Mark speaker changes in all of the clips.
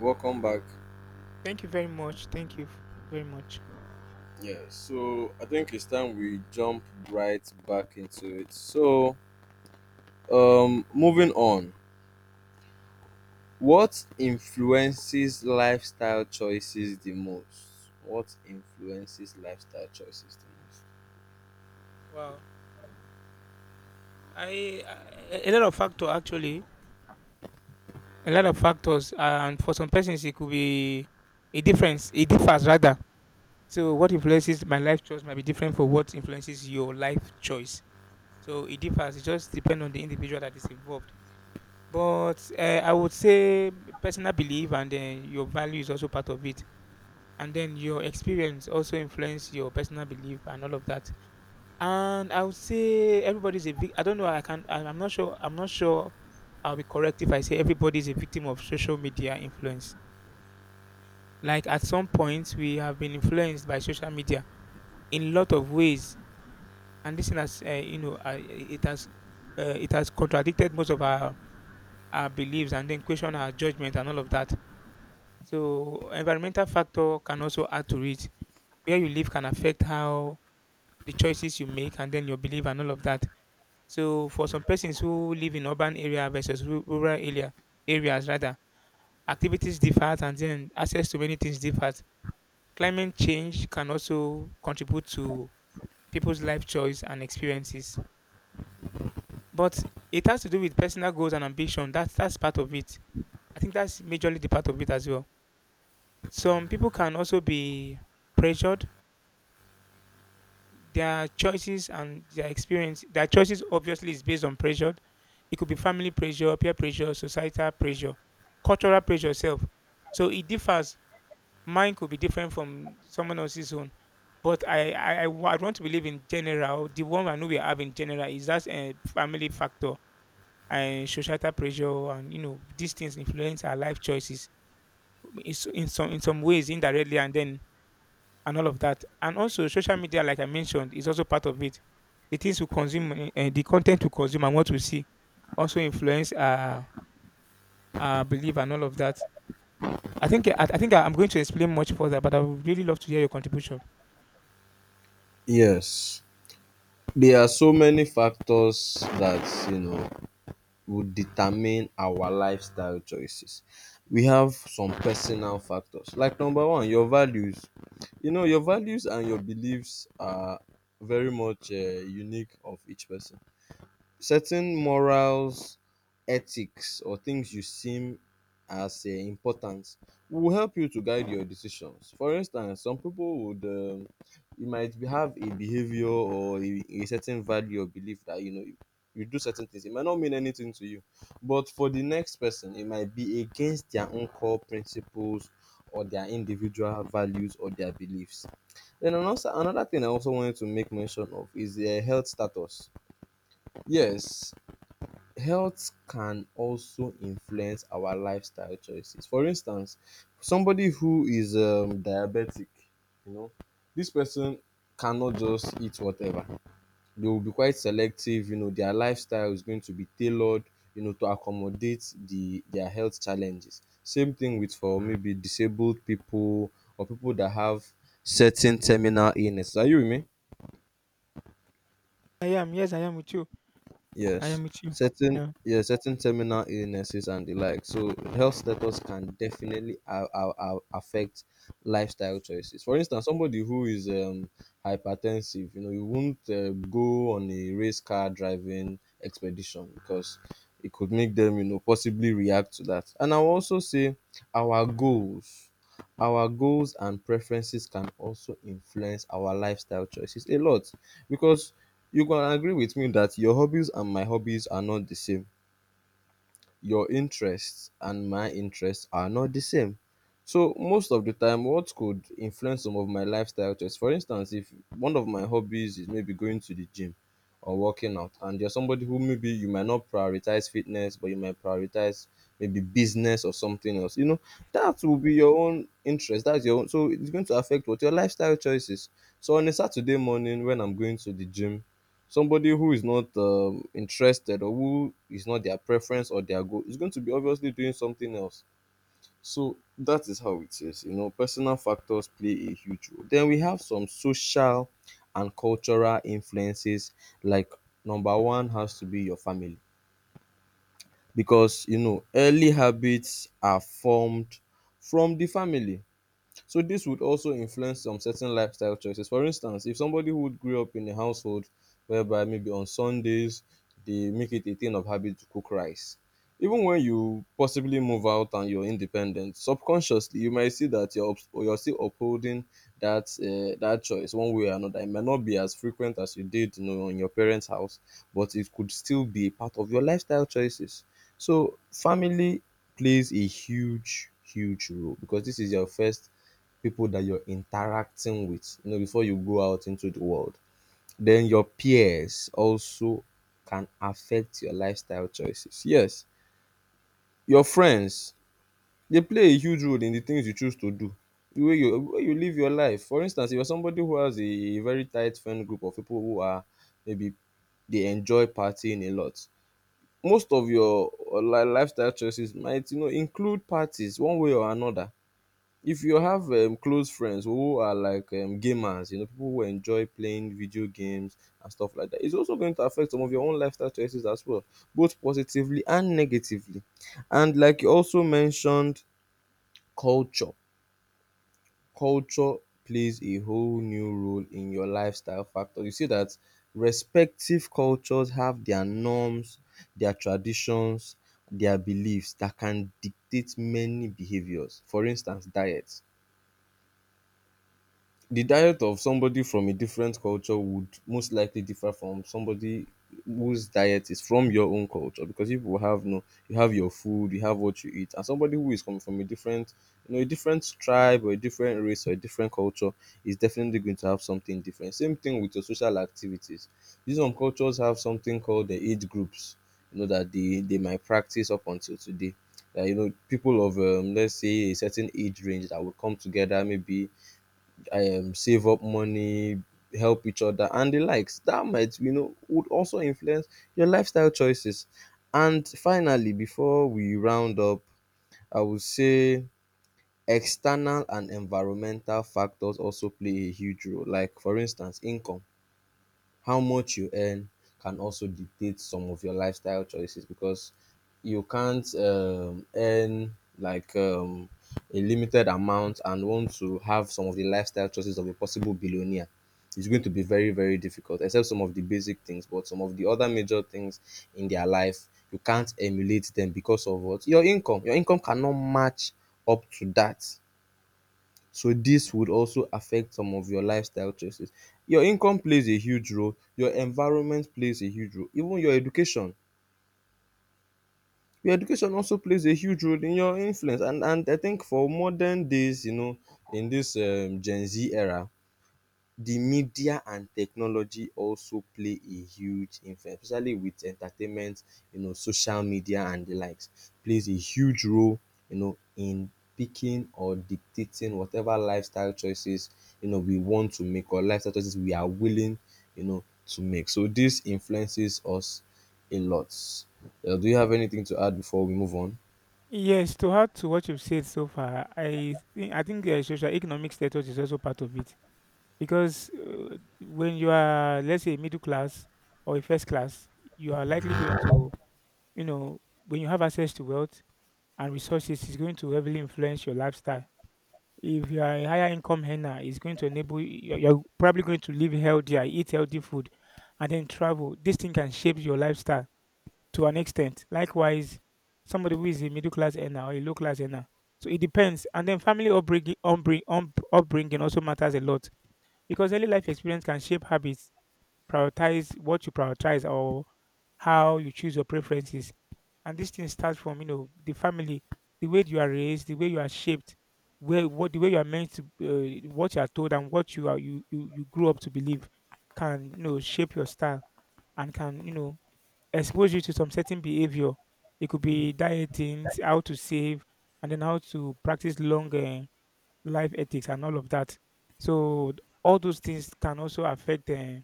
Speaker 1: Welcome back.
Speaker 2: Thank you very much. Thank you very much.
Speaker 1: Yeah, so I think it's time we jump right back into it. Moving on, what influences lifestyle choices the most? What influences lifestyle choices the most?
Speaker 2: Wow. I a lot of factor actually. A lot of factors, and for some persons, it could be a difference. It differs rather. So what influences my life choice might be different for what influences your life choice. So it differs. It just depends on the individual that is involved. But I would say personal belief and then your value is also part of it, and then your experience also influence your personal belief and all of that. And I would say everybody's a vic I don't know, I'm not sure, I'm not sure I'll be correct if I say everybody's a victim of social media influence. Like at some point, we have been influenced by social media in lot of ways, and this thing has, it it has contradicted most of our beliefs and then question our judgment and all of that. So environmental factor can also add to it. Where you live can affect how the choices you make and then your belief and all of that. So for some persons who live in urban area versus rural areas rather, activities differ and then access to many things differs. Climate change can also contribute to people's life choice and experiences. But it has to do with personal goals and ambition. That's part of it. I think that's majorly the part of it as well. Some people can also be pressured their choices and their experience their choices obviously is based on pressure. It could be family pressure, peer pressure, societal pressure, cultural pressure itself. So it differs. Mine could be different from someone else's own, but I want to believe in general the one I know we have in general is that a family factor and societal pressure and you know these things influence our life choices in some ways indirectly and then and all of that. And also, social media, like I mentioned, is also part of it. The things we consume, and the content we consume, and what we see, also influence our belief and all of that. I think I'm going to explain much further, but I would really love to hear your contribution.
Speaker 1: Yes, there are so many factors that you know would determine our lifestyle choices. We have some personal factors, like number one, your values. You know, your values and your beliefs are very much unique of each person. Certain morals, ethics or things you seem as important will help you to guide your decisions. For instance, some people would you have a behavior or a certain value or belief that, you know, you do certain things. It might not mean anything to you, but for the next person it might be against their own core principles or their individual values or their beliefs. Then another thing I also wanted to make mention of is their health status. Yes, health can also influence our lifestyle choices. For instance, somebody who is diabetic, you know, this person cannot just eat whatever. They will be quite selective. You know, their lifestyle is going to be tailored, you know, to accommodate the their health challenges. Same thing with for maybe disabled people or people that have certain terminal illness. Are you with me?
Speaker 2: I am, yes, I am with you. I
Speaker 1: Yes,
Speaker 2: am with you.
Speaker 1: certain,
Speaker 2: Yeah.
Speaker 1: yeah, certain terminal illnesses and the like. So health status can definitely affect lifestyle choices. For instance, somebody who is hypertensive, you know, you won't go on a race car driving expedition because it could make them, you know, possibly react to that. And I'll also say our goals. Our goals and preferences can also influence our lifestyle choices a lot, because you can agree with me that your hobbies and my hobbies are not the same, your interests and my interests are not the same. So most of the time, what could influence some of my lifestyle choice? For instance, if one of my hobbies is maybe going to the gym or working out, and you're somebody who, maybe you might not prioritize fitness, but you might prioritize maybe business or something else, you know, that will be your own interest. That's your own. So it's going to affect what your lifestyle choices. So on a Saturday morning, when I'm going to the gym, somebody who is not interested, or who is not their preference or their goal, is going to be obviously doing something else. So that is how it is. You know, personal factors play a huge role. Then we have some social and cultural influences, like number one has to be your family, because you know early habits are formed from the family, so this would also influence some certain lifestyle choices. For instance, if somebody who grew up in a household whereby maybe on Sundays they make it a thing of habit to cook rice, even when you possibly move out and you're independent, subconsciously you might see that you're still upholding that that choice one way or another. It might not be as frequent as you did, you know, in your parents' house, but it could still be a part of your lifestyle choices. So family plays a huge, huge role, because this is your first people that you're interacting with, you know, before you go out into the world. Then your peers also can affect your lifestyle choices. Yes, your friends, they play a huge role in the things you choose to do, the way you live your life. For instance, if you're somebody who has a very tight friend group of people who are maybe they enjoy partying a lot, most of your li lifestyle choices might, you know, include parties one way or another. If you have close friends who are like gamers, you know, people who enjoy playing video games and stuff like that, it's also going to affect some of your own lifestyle choices as well, both positively and negatively. And like you also mentioned, culture. Culture plays a whole new role in your lifestyle factor. You see that respective cultures have their norms, their traditions, their beliefs that can dictate many behaviors. For instance, diet, the diet of somebody from a different culture would most likely differ from somebody whose diet is from your own culture, because you will have no, you have your food, you have what you eat, and somebody who is coming from a different, you know, a different tribe or a different race or a different culture is definitely going to have something different. Same thing with your social activities. These, some cultures have something called the age groups, you know, that they might practice up until today, that, you know, people of let's say a certain age range that will come together, maybe save up money, help each other, and the likes. That might, you know, would also influence your lifestyle choices. And finally, before we round up, I would say external and environmental factors also play a huge role. Like, for instance, income, how much you earn, can also dictate some of your lifestyle choices, because you can't earn like a limited amount and want to have some of the lifestyle choices of a possible billionaire. It's going to be very, very difficult, except some of the basic things, but some of the other major things in their life, you can't emulate them because of what? Your income. Your income cannot match up to that. So this would also affect some of your lifestyle choices. Your income plays a huge role, your environment plays a huge role, even your education. Your education also plays a huge role in your influence, and I think for modern days, you know, in this Gen Z era, the media and technology also play a huge influence, especially with entertainment, you know, social media and the likes, plays a huge role, you know, in picking or dictating whatever lifestyle choices, you know, we want to make, or lifestyle choices we are willing, you know, to make. So this influences us a lot. Do you have anything to add before we move on?
Speaker 2: Yes, to add to what you've said so far, I think social economic status is also part of it because when you are, let's say, middle class or a first class, you are likely going to, you know, when you have access to wealth and resources, it's going to heavily influence your lifestyle. If you are a higher income earner, it's going to enable you, you're probably going to live healthier, eat healthy food, and then travel. This thing can shape your lifestyle to an extent. Likewise, somebody who is a middle class earner or a low class earner. So it depends. And then family upbringing, upbringing also matters a lot because early life experience can shape habits, prioritize what you prioritize or how you choose your preferences, and this thing starts from, you know, the family, the way you are raised, the way you are shaped, where what the way you are meant to, what you are told, and what you are you you, you grew up to believe, can you know shape your style and can you know expose you to some certain behavior. It could be dieting, how to save, and then how to practice long life ethics and all of that. So all those things can also affect.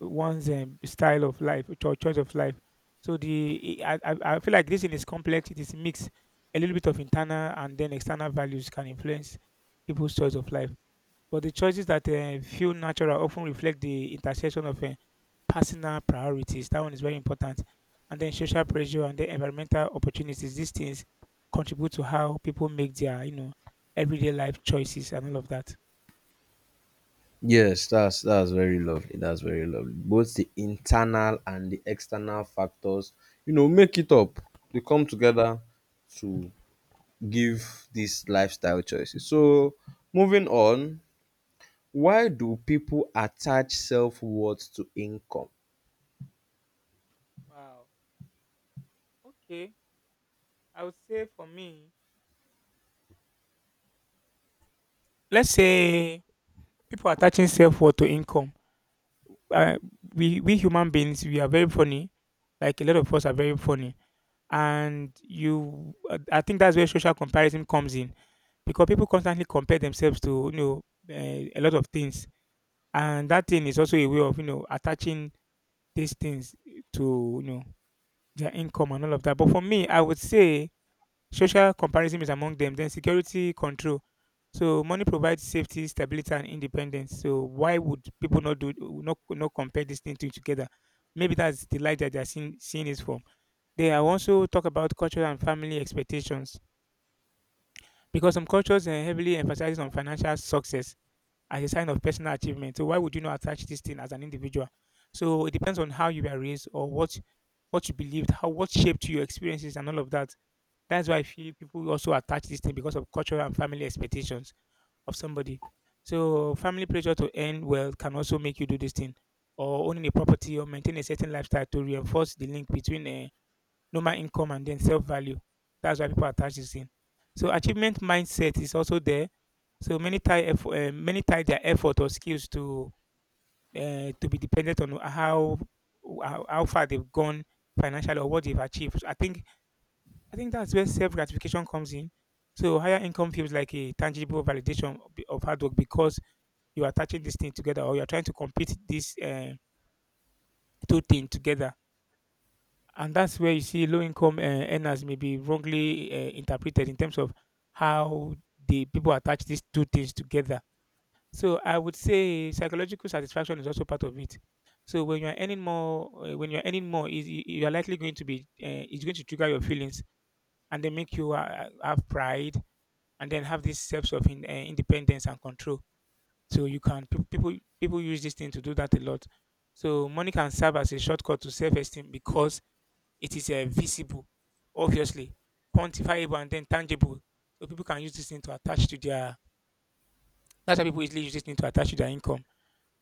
Speaker 2: One's style of life, choice of life. So the I feel like this thing is complex. It is mixed. A little bit of internal and then external values can influence people's choice of life. But the choices that feel natural often reflect the intersection of personal priorities. That one is very important. And then social pressure and then environmental opportunities. These things contribute to how people make their you know everyday life choices and all of that.
Speaker 1: Yes, that's very lovely. That's very lovely. Both the internal and the external factors, you know, make it up. They come together to give these lifestyle choices. So, moving on, why do people attach self-worth to income?
Speaker 2: Wow. Okay. I would say for me, let's say people are attaching self-worth to income. Uh, we human beings we are very funny. Like a lot of us are very funny, and I think that's where social comparison comes in, because people constantly compare themselves to you know a lot of things, and that thing is also a way of you know attaching these things to you know their income and all of that. But for me, I would say social comparison is among them. Then security control. So money provides safety, stability, and independence. So why would people not compare these things together? Maybe that's the light that they're seeing, seeing is from. They are also talk about cultural and family expectations because some cultures heavily emphasize on financial success as a sign of personal achievement. So why would you not attach this thing as an individual? So it depends on how you were raised or what you believed, how what shaped your experiences and all of that. That's why I feel people also attach this thing because of cultural and family expectations of somebody. So family pressure to earn well can also make you do this thing, or owning a property or maintain a certain lifestyle to reinforce the link between normal income and then self value. That's why people attach this thing. So achievement mindset is also there. So many tie effort, many tie their effort or skills to be dependent on how far they've gone financially or what they've achieved. I think that's where self gratification comes in. So higher income feels like a tangible validation of hard work because you're attaching this thing together or you're trying to compete these two things together. And that's where you see low income earners may be wrongly interpreted in terms of how the people attach these two things together. So I would say psychological satisfaction is also part of it. So when you're earning more, is you're likely going to be it's going to trigger your feelings and they make you have pride and then have these steps of independence and control. So you can people use this thing to do that a lot. So money can serve as a shortcut to self-esteem because it is visible, obviously quantifiable and then tangible. So people can use this thing to attach to their. That's why people easily use this thing to attach to their income.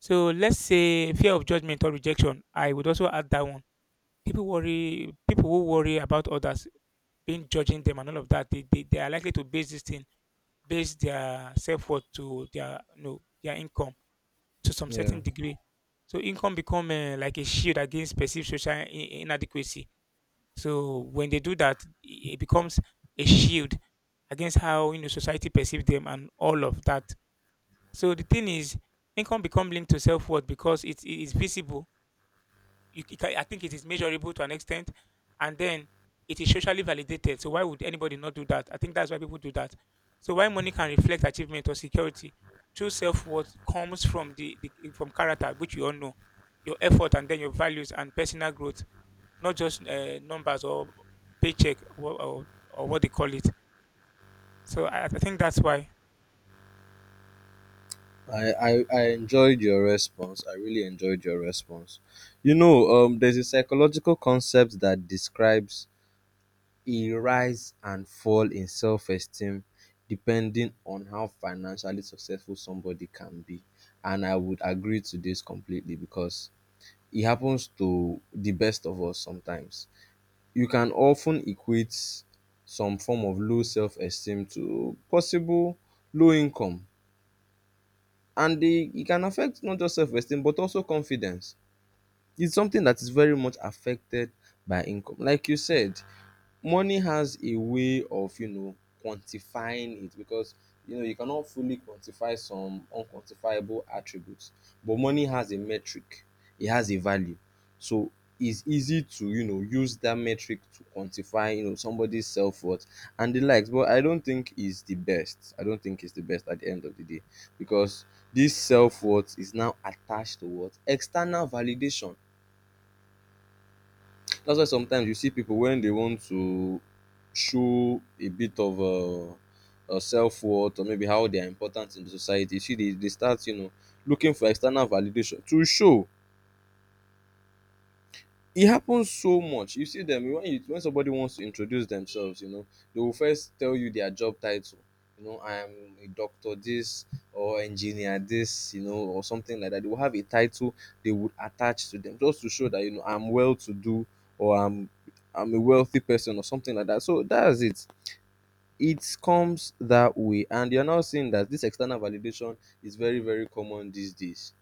Speaker 2: So let's say fear of judgment or rejection. I would also add that one. People worry. People who worry about others being judging them and all of that. They are likely to base this thing, base their self-worth to their no their income to some
Speaker 1: Yeah.
Speaker 2: certain degree. So income become like a shield against perceived social inadequacy. So when they do that, it becomes a shield against how you know society perceives them and all of that. So the thing is, income become linked to self-worth because it is visible, I think it is measurable to an extent, and then it is socially validated. So why would anybody not do that? I think that's why people do that. So why money can reflect achievement or security? True self worth comes from the from character, which you all know, your effort and then your values and personal growth, not just numbers or paycheck or what they call it. So I think that's why
Speaker 1: I enjoyed your response. I really enjoyed your response. You know, there's a psychological concept that describes a rise and fall in self-esteem depending on how financially successful somebody can be. And I would agree to this completely, because it happens to the best of us sometimes. You can often equate some form of low self-esteem to possible low income. And they, it can affect not just self-esteem but also confidence. It's something that is very much affected by income. Like you said, money has a way of, you know, quantifying it, because you know you cannot fully quantify some unquantifiable attributes, but money has a metric, it has a value, so it's easy to, you know, use that metric to quantify, you know, somebody's self-worth and the likes. But I don't think it's the best. I don't think it's the best at the end of the day, because this self-worth is now attached to what? External validation. That's why sometimes you see people when they want to show a bit of self-worth, or maybe how they are important in the society, you see they start, you know, looking for external validation to show. It happens so much. You see them when you, when somebody wants to introduce themselves, you know, they will first tell you their job title. You know, I am a doctor this, or engineer this, you know, or something like that. They will have a title they would attach to them just to show that, you know, I'm well to do, or I'm a wealthy person or something like that. So that's it. It comes that way, and you're now seeing that this external validation is very, very common these days.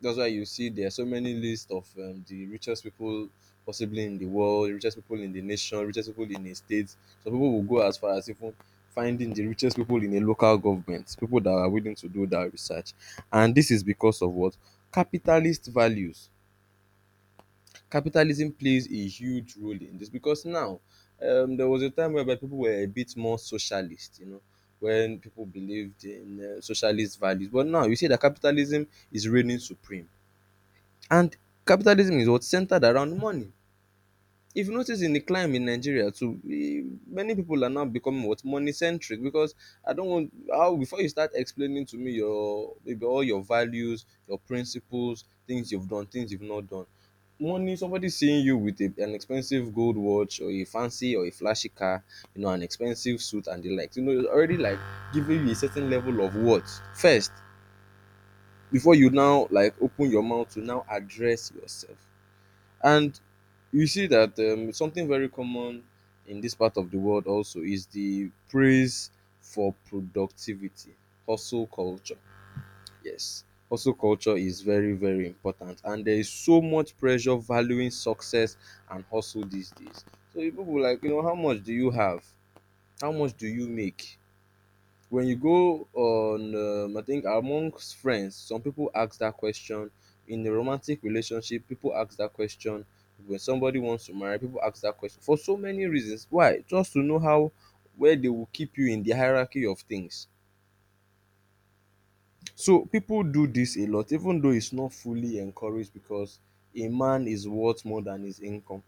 Speaker 1: That's why you see there are so many lists of the richest people possibly in the world, richest people in the nation, richest people in a state. Some people will go as far as even finding the richest people in a local government, people that are willing to do that research. And this is because of what? Capitalist values. Capitalism plays a huge role in this because now there was a time whereby people were a bit more socialist, you know, when people believed in socialist values. But now you see that capitalism is reigning supreme and capitalism is what centered around money. If you notice in the climb in Nigeria too, many people are now becoming what money centric because I don't want how, before you start explaining to me your maybe all your values, your principles, things you've done, things you've not done, money, somebody seeing you with an expensive gold watch or a fancy or a flashy car, you know, an expensive suit and the likes, you know, it's already like giving you a certain level of worth first before you now like open your mouth to now address yourself. And you see that, something very common in this part of the world also is the praise for productivity. Hustle culture, yes, hustle culture is very, very important, and there is so much pressure valuing success and hustle these days. So people will like, you know, how much do you have, how much do you make? When you go on, I think amongst friends some people ask that question, in a romantic relationship people ask that question, when somebody wants to marry people ask that question for so many reasons, why, just to know how where they will keep you in the hierarchy of things. So people do this a lot, even though it's not fully encouraged, because a man is worth more than his income.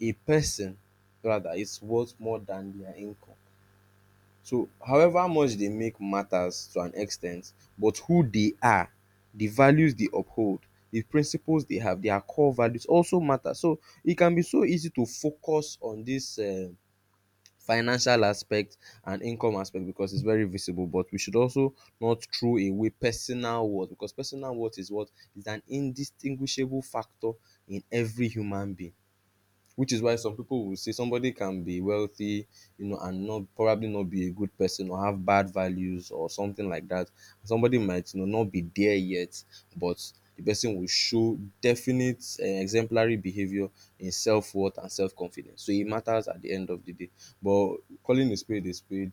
Speaker 1: A person, rather, is worth more than their income. So, however much they make matters to an extent, but who they are, the values they uphold, the principles they have, their core values also matter. So it can be so easy to focus on this, financial aspect and income aspect, because it's very visible, but we should also not throw away personal worth, because personal worth is what is an indistinguishable factor in every human being, which is why some people will say somebody can be wealthy, you know, and not probably not be a good person or have bad values or something like that. Somebody might, you know, not be there yet, but the person will show definite exemplary behavior in self-worth and self-confidence, so it matters at the end of the day. But calling a spade a spade,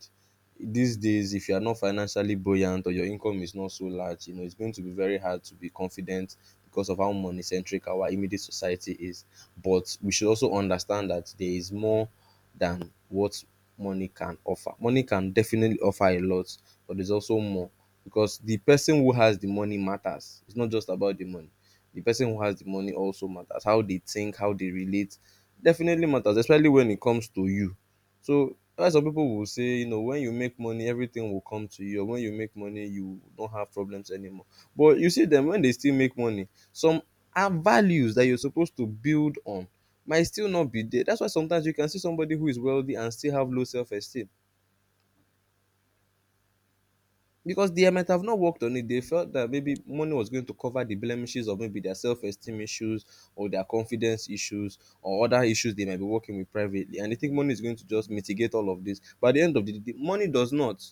Speaker 1: these days if you are not financially buoyant or your income is not so large, you know, it's going to be very hard to be confident, because of how money centric our immediate society is. But we should also understand that there is more than what money can offer. Money can definitely offer a lot, but there's also more, because the person who has the money matters. It's not just about the money. The person who has the money also matters. How they think, how they relate definitely matters, especially when it comes to you. So why some people will say, you know, when you make money, everything will come to you. Or when you make money, you don't have problems anymore. But you see them, when they still make money, some are values that you're supposed to build on might still not be there. That's why sometimes you can see somebody who is wealthy and still have low self-esteem, because they might have not worked on it. They felt that maybe money was going to cover the blemishes of maybe their self-esteem issues or their confidence issues or other issues they might be working with privately. And they think money is going to just mitigate all of this. But at the end of the day, money does not.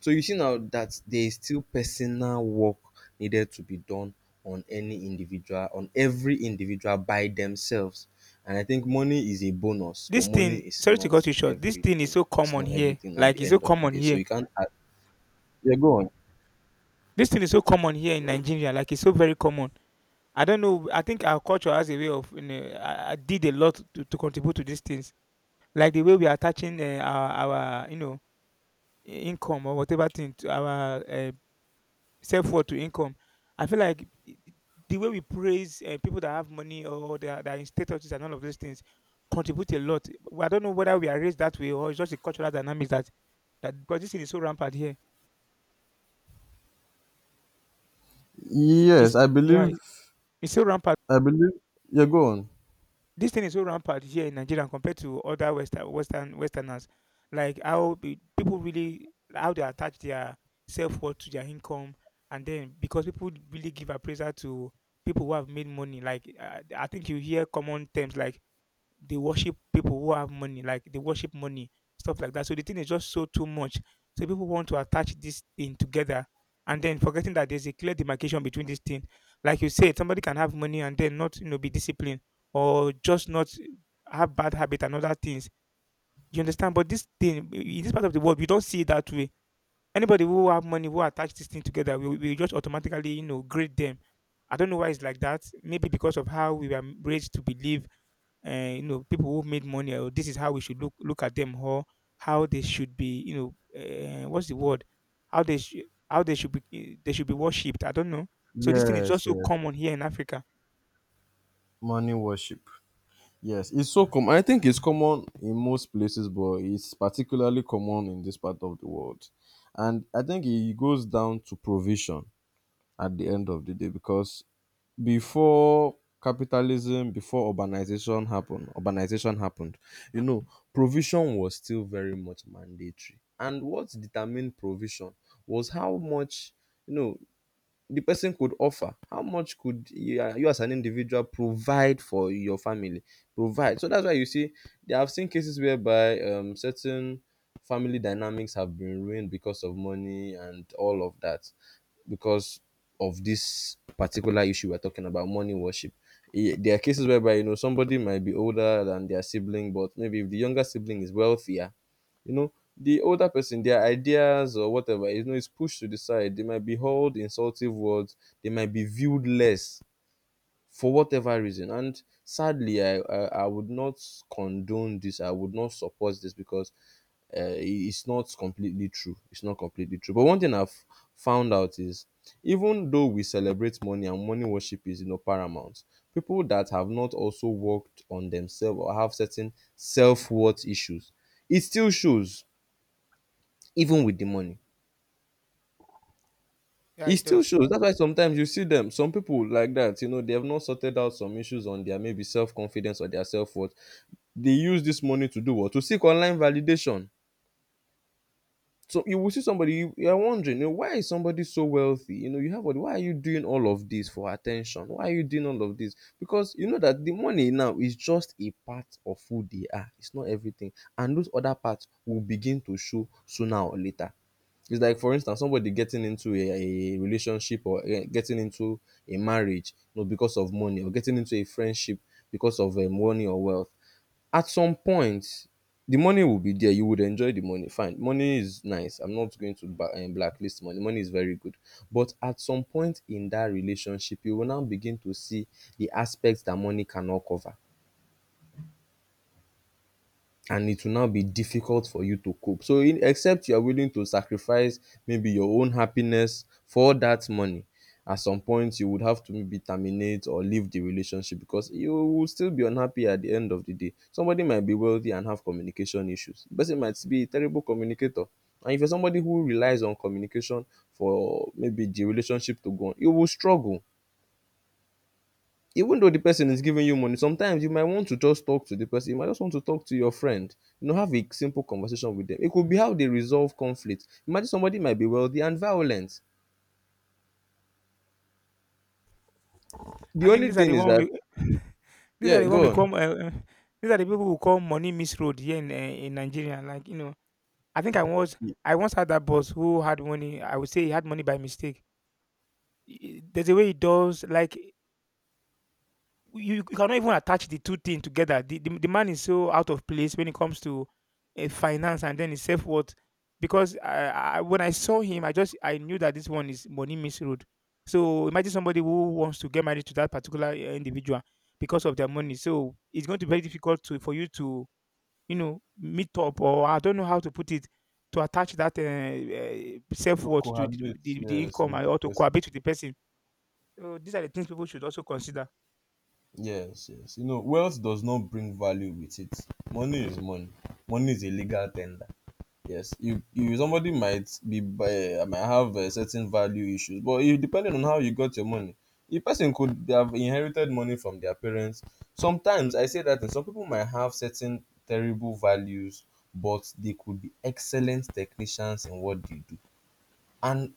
Speaker 1: So you see now that there is still personal work needed to be done on any individual, on every individual by themselves. And I think money is a bonus, but
Speaker 2: this
Speaker 1: money
Speaker 2: thing.
Speaker 1: is
Speaker 2: Sorry to
Speaker 1: not
Speaker 2: cut you short. This thing is
Speaker 1: everything.
Speaker 2: so
Speaker 1: It's
Speaker 2: common
Speaker 1: not
Speaker 2: here.
Speaker 1: everything at
Speaker 2: Like
Speaker 1: the
Speaker 2: it's so
Speaker 1: end of the
Speaker 2: common
Speaker 1: day. So
Speaker 2: here.
Speaker 1: you can't. Yeah, go on.
Speaker 2: This thing is so common here in Nigeria. Like it's so very common. I don't know. I think our culture has a way of, you know, I did a lot to contribute to these things, like the way we are attaching you know, income or whatever thing to our self worth to income. I feel like the way we praise people that have money or that are in statuses and all of those things contribute a lot. Well, I don't know whether we are raised that way or it's just the cultural dynamics that because this thing is so rampant here. It's
Speaker 1: Yes, I
Speaker 2: yeah,
Speaker 1: believe.
Speaker 2: it's so rampant.
Speaker 1: I believe. Yeah, go on.
Speaker 2: This thing is so rampant here in Nigeria compared to other Western Westerners. Like how people really how they attach their self worth to their income, and then because people really give appraisal to people who have made money. Like I think you hear common terms like they worship people who have money, like they worship money, stuff like that. So the thing is just so too much. So people want to attach this thing together and then forgetting that there's a clear demarcation between this thing. Like you said, somebody can have money and then not, you know, be disciplined or just not have bad habit and other things. You understand? But this thing in this part of the world, we don't see it that way. Anybody who have money who attach this thing together, we just automatically, you know, grade them. I don't know why it's like that. Maybe because of how we were raised to believe you know people who've made money, or this is how we should look at them, or how they should be, you know, what's the word, how they how they should be, they should be worshipped. I don't know. So this thing is
Speaker 1: Yes,
Speaker 2: just so
Speaker 1: yes.
Speaker 2: common here in Africa.
Speaker 1: Money worship. Yes, it's so common. I think it's common in most places, but it's particularly common in this part of the world. And I think it goes down to provision at the end of the day, because before capitalism, before urbanization happened, you know, provision was still very much mandatory. And what determined provision was how much, you know, the person could offer. How much could you, you as an individual provide for your family, provide? So that's why you see there have seen cases whereby, certain family dynamics have been ruined because of money and all of that, because of this particular issue we're talking about, money worship. Eh, there are cases whereby, you know, somebody might be older than their sibling, but maybe if the younger sibling is wealthier, you know, the older person, their ideas or whatever, you know, is pushed to the side. They might be hurled insultive words, they might be viewed less for whatever reason. And sadly, I would not condone this, I would not support this, because, it's not completely true, it's not completely true. But one thing I've found out is, even though we celebrate money and money worship is, you know, paramount, people that have not also worked on themselves or have certain self-worth issues, it still shows even with the money.
Speaker 2: Yeah,
Speaker 1: It
Speaker 2: it
Speaker 1: still
Speaker 2: does.
Speaker 1: shows. That's why sometimes you see them, some people like that, you know, they have not sorted out some issues on their maybe self confidence or their self worth. They use this money to do what? To seek online validation. So you will see somebody, you are wondering, you know, why is somebody so wealthy? You know, you have all, why are you doing all of this for attention? Why are you doing all of this? Because you know that the money now is just a part of who they are. It's not everything, and those other parts will begin to show sooner or later. It's like, for instance, somebody getting into a relationship or, eh, getting into a marriage, you know, because of money, or getting into a friendship because of, eh, money or wealth. At some point, the money will be there, you would enjoy the money, fine, money is nice, I'm not going to blacklist money, money is very good. But at some point in that relationship you will now begin to see the aspects that money cannot cover, and it will now be difficult for you to cope. So in, except you are willing to sacrifice maybe your own happiness for that money, at some point you would have to maybe terminate or leave the relationship, because you will still be unhappy at the end of the day. Somebody might be wealthy and have communication issues. The person might be a terrible communicator. And if you're somebody who relies on communication for maybe the relationship to go on, you will struggle. Even though the person is giving you money, sometimes you might want to just talk to the person, you might just want to talk to your friend, you know, have a simple conversation with them. It could be how they resolve conflict. Imagine somebody might be wealthy and violent. The
Speaker 2: I think
Speaker 1: only
Speaker 2: these are
Speaker 1: thing
Speaker 2: the
Speaker 1: is
Speaker 2: one
Speaker 1: that,
Speaker 2: we these are
Speaker 1: yeah,
Speaker 2: the one we
Speaker 1: go on.
Speaker 2: call uh, these are the people who call money misroad here in Nigeria, like, you know. I think I was
Speaker 1: Yeah,
Speaker 2: I once had that boss who had money. I would say he had money by mistake. There's a way he does, like, you cannot even attach the two things together. The, the man is so out of place when it comes to finance and then his self worth. Because I, when I saw him, I just I knew that this one is money misroad. So imagine somebody who wants to get married to that particular individual because of their money. So it's going to be very difficult to for you to you know meet up, or I don't know how to put it, to attach that self
Speaker 1: to
Speaker 2: worth to
Speaker 1: cohabit,
Speaker 2: the
Speaker 1: yes,
Speaker 2: income
Speaker 1: with
Speaker 2: and
Speaker 1: the
Speaker 2: or to
Speaker 1: person.
Speaker 2: cohabit with the person. So these are the things people should also consider.
Speaker 1: Yes, yes, you know, wealth does not bring value with it. Money is money. Money is a legal tender. Yes, you, somebody might be, might have, certain value issues, but you, depending on how you got your money, the person could have inherited money from their parents. Sometimes I say that, and some people might have certain terrible values, but they could be excellent technicians in what they do, and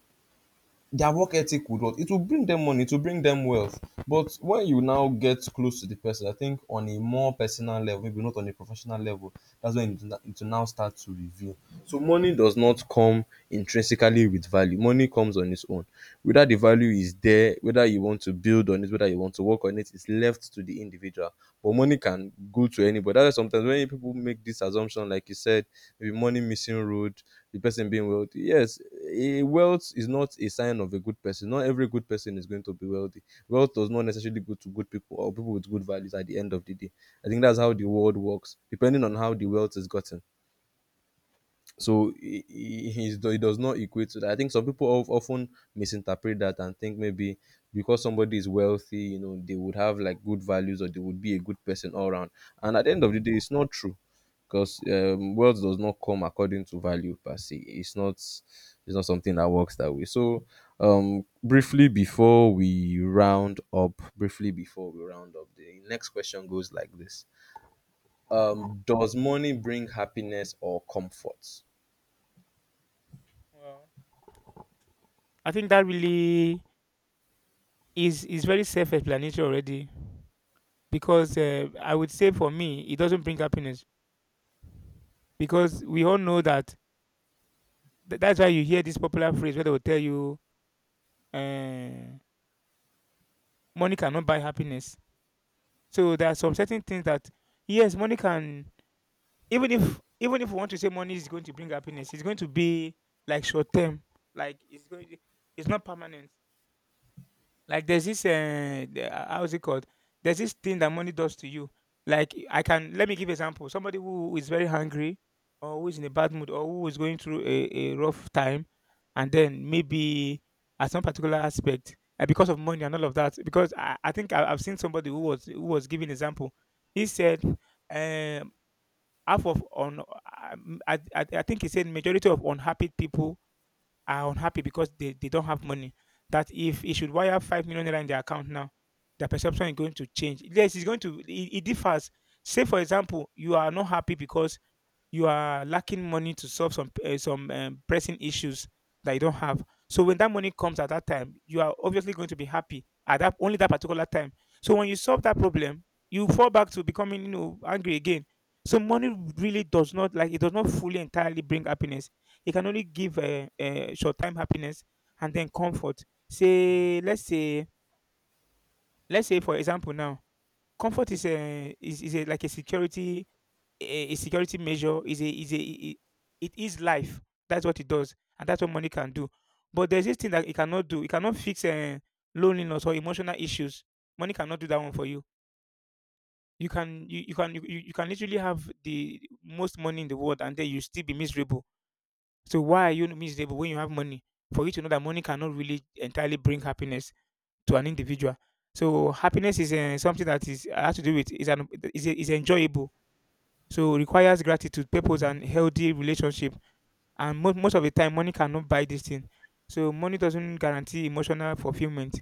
Speaker 1: their work ethic would what, it will bring them money, to bring them wealth. But when you now get close to the person, I think on a more personal level, maybe not on a professional level, that's when it will now start to reveal. So money does not come intrinsically with value. Money comes on its own. Whether the value is there, whether you want to build on it, whether you want to work on it, is left to the individual. But money can go to anybody. That's why sometimes when people make this assumption, like you said, maybe money missing road, the person being wealthy. Yes, a wealth is not a sign of a good person. Not every good person is going to be wealthy. Wealth does not necessarily go to good people or people with good values at the end of the day. I think that's how the world works, depending on how the wealth is gotten. So he does not equate to that. I think some people often misinterpret that and think maybe because somebody is wealthy, you know, they would have like good values or they would be a good person all around. And at the end of the day, it's not true, because, wealth does not come according to value per se. It's not something that works that way. So, briefly before we round up, briefly before we round up, the next question goes like this: does money bring happiness or comfort?
Speaker 2: Wow. I think that really is very self-explanatory already because I would say for me it doesn't bring happiness, because we all know that that's why you hear this popular phrase where they will tell you uh, money cannot buy happiness. So there are some certain things that, yes, money can, even if, even if we want to say money is going to bring happiness, it's going to be like short term, like it's going, it's not permanent. Like there's this how's it called? There's this thing that money does to you. Like I can, let me give example. Somebody who is very hungry or who is in a bad mood or who is going through a rough time and then maybe at some particular aspect because of money and all of that. Because I think I've seen somebody who was giving example. He said half of on I think he said majority of unhappy people are unhappy because they don't have money. That if he should wire 5 million naira in their account now, their perception is going to change. Yes, it's going to, it differs. Say for example, you are not happy because you are lacking money to solve some pressing issues that you don't have. So when that money comes at that time, you are obviously going to be happy at that only that particular time. So when you solve that problem, you fall back to becoming, you know, angry again. So money really does not, like, it does not fully entirely bring happiness. It can only give a short time happiness and then comfort. Say let's say, let's say for example now, comfort is a is, is a, like a security, a, a security measure, is a it, it is life. That's what it does, and that's what money can do. But there's this thing that it cannot do. It cannot fix loneliness or emotional issues. Money cannot do that one for you. You can, you can, you can literally have the most money in the world and then you still be miserable. So why are you miserable when you have money? For you to know that money cannot really entirely bring happiness to an individual. So happiness is something that is has to do with is an is enjoyable, so requires gratitude, purpose, and healthy relationship. And most of the time, money cannot buy this thing. So money doesn't guarantee emotional fulfillment.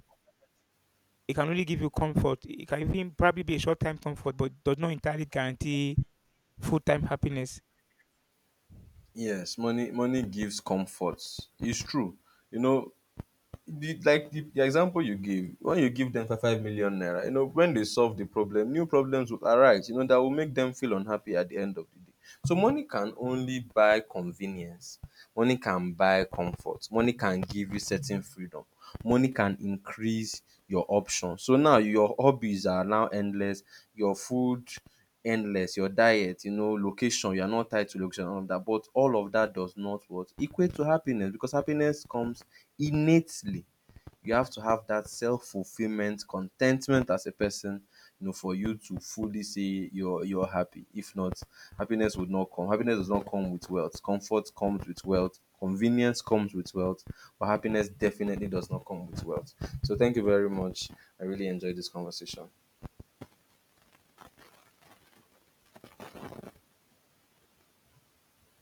Speaker 2: It can only give you comfort. It can even probably be a short-time comfort, but does not entirely guarantee full-time happiness.
Speaker 1: Yes, money, money gives comfort. It's true. You know, the, like the example you give, when you give them 5 million naira, you know, when they solve the problem, new problems will arise, you know, that will make them feel unhappy at the end of the day. So money can only buy convenience. Money can buy comfort. Money can give you certain freedom. Money can increase your options. So now your hobbies are now endless. Your food, endless, your diet, you know, location, you are not tied to location, all of that. But all of that does not what? Equate to happiness, because happiness comes innately. You have to have that self-fulfillment, contentment as a person, you know, for you to fully say you're happy. If not, happiness would not come. Happiness does not come with wealth. Comfort comes with wealth. Convenience comes with wealth, but happiness definitely does not come with wealth. So thank you very much. I really enjoyed this conversation.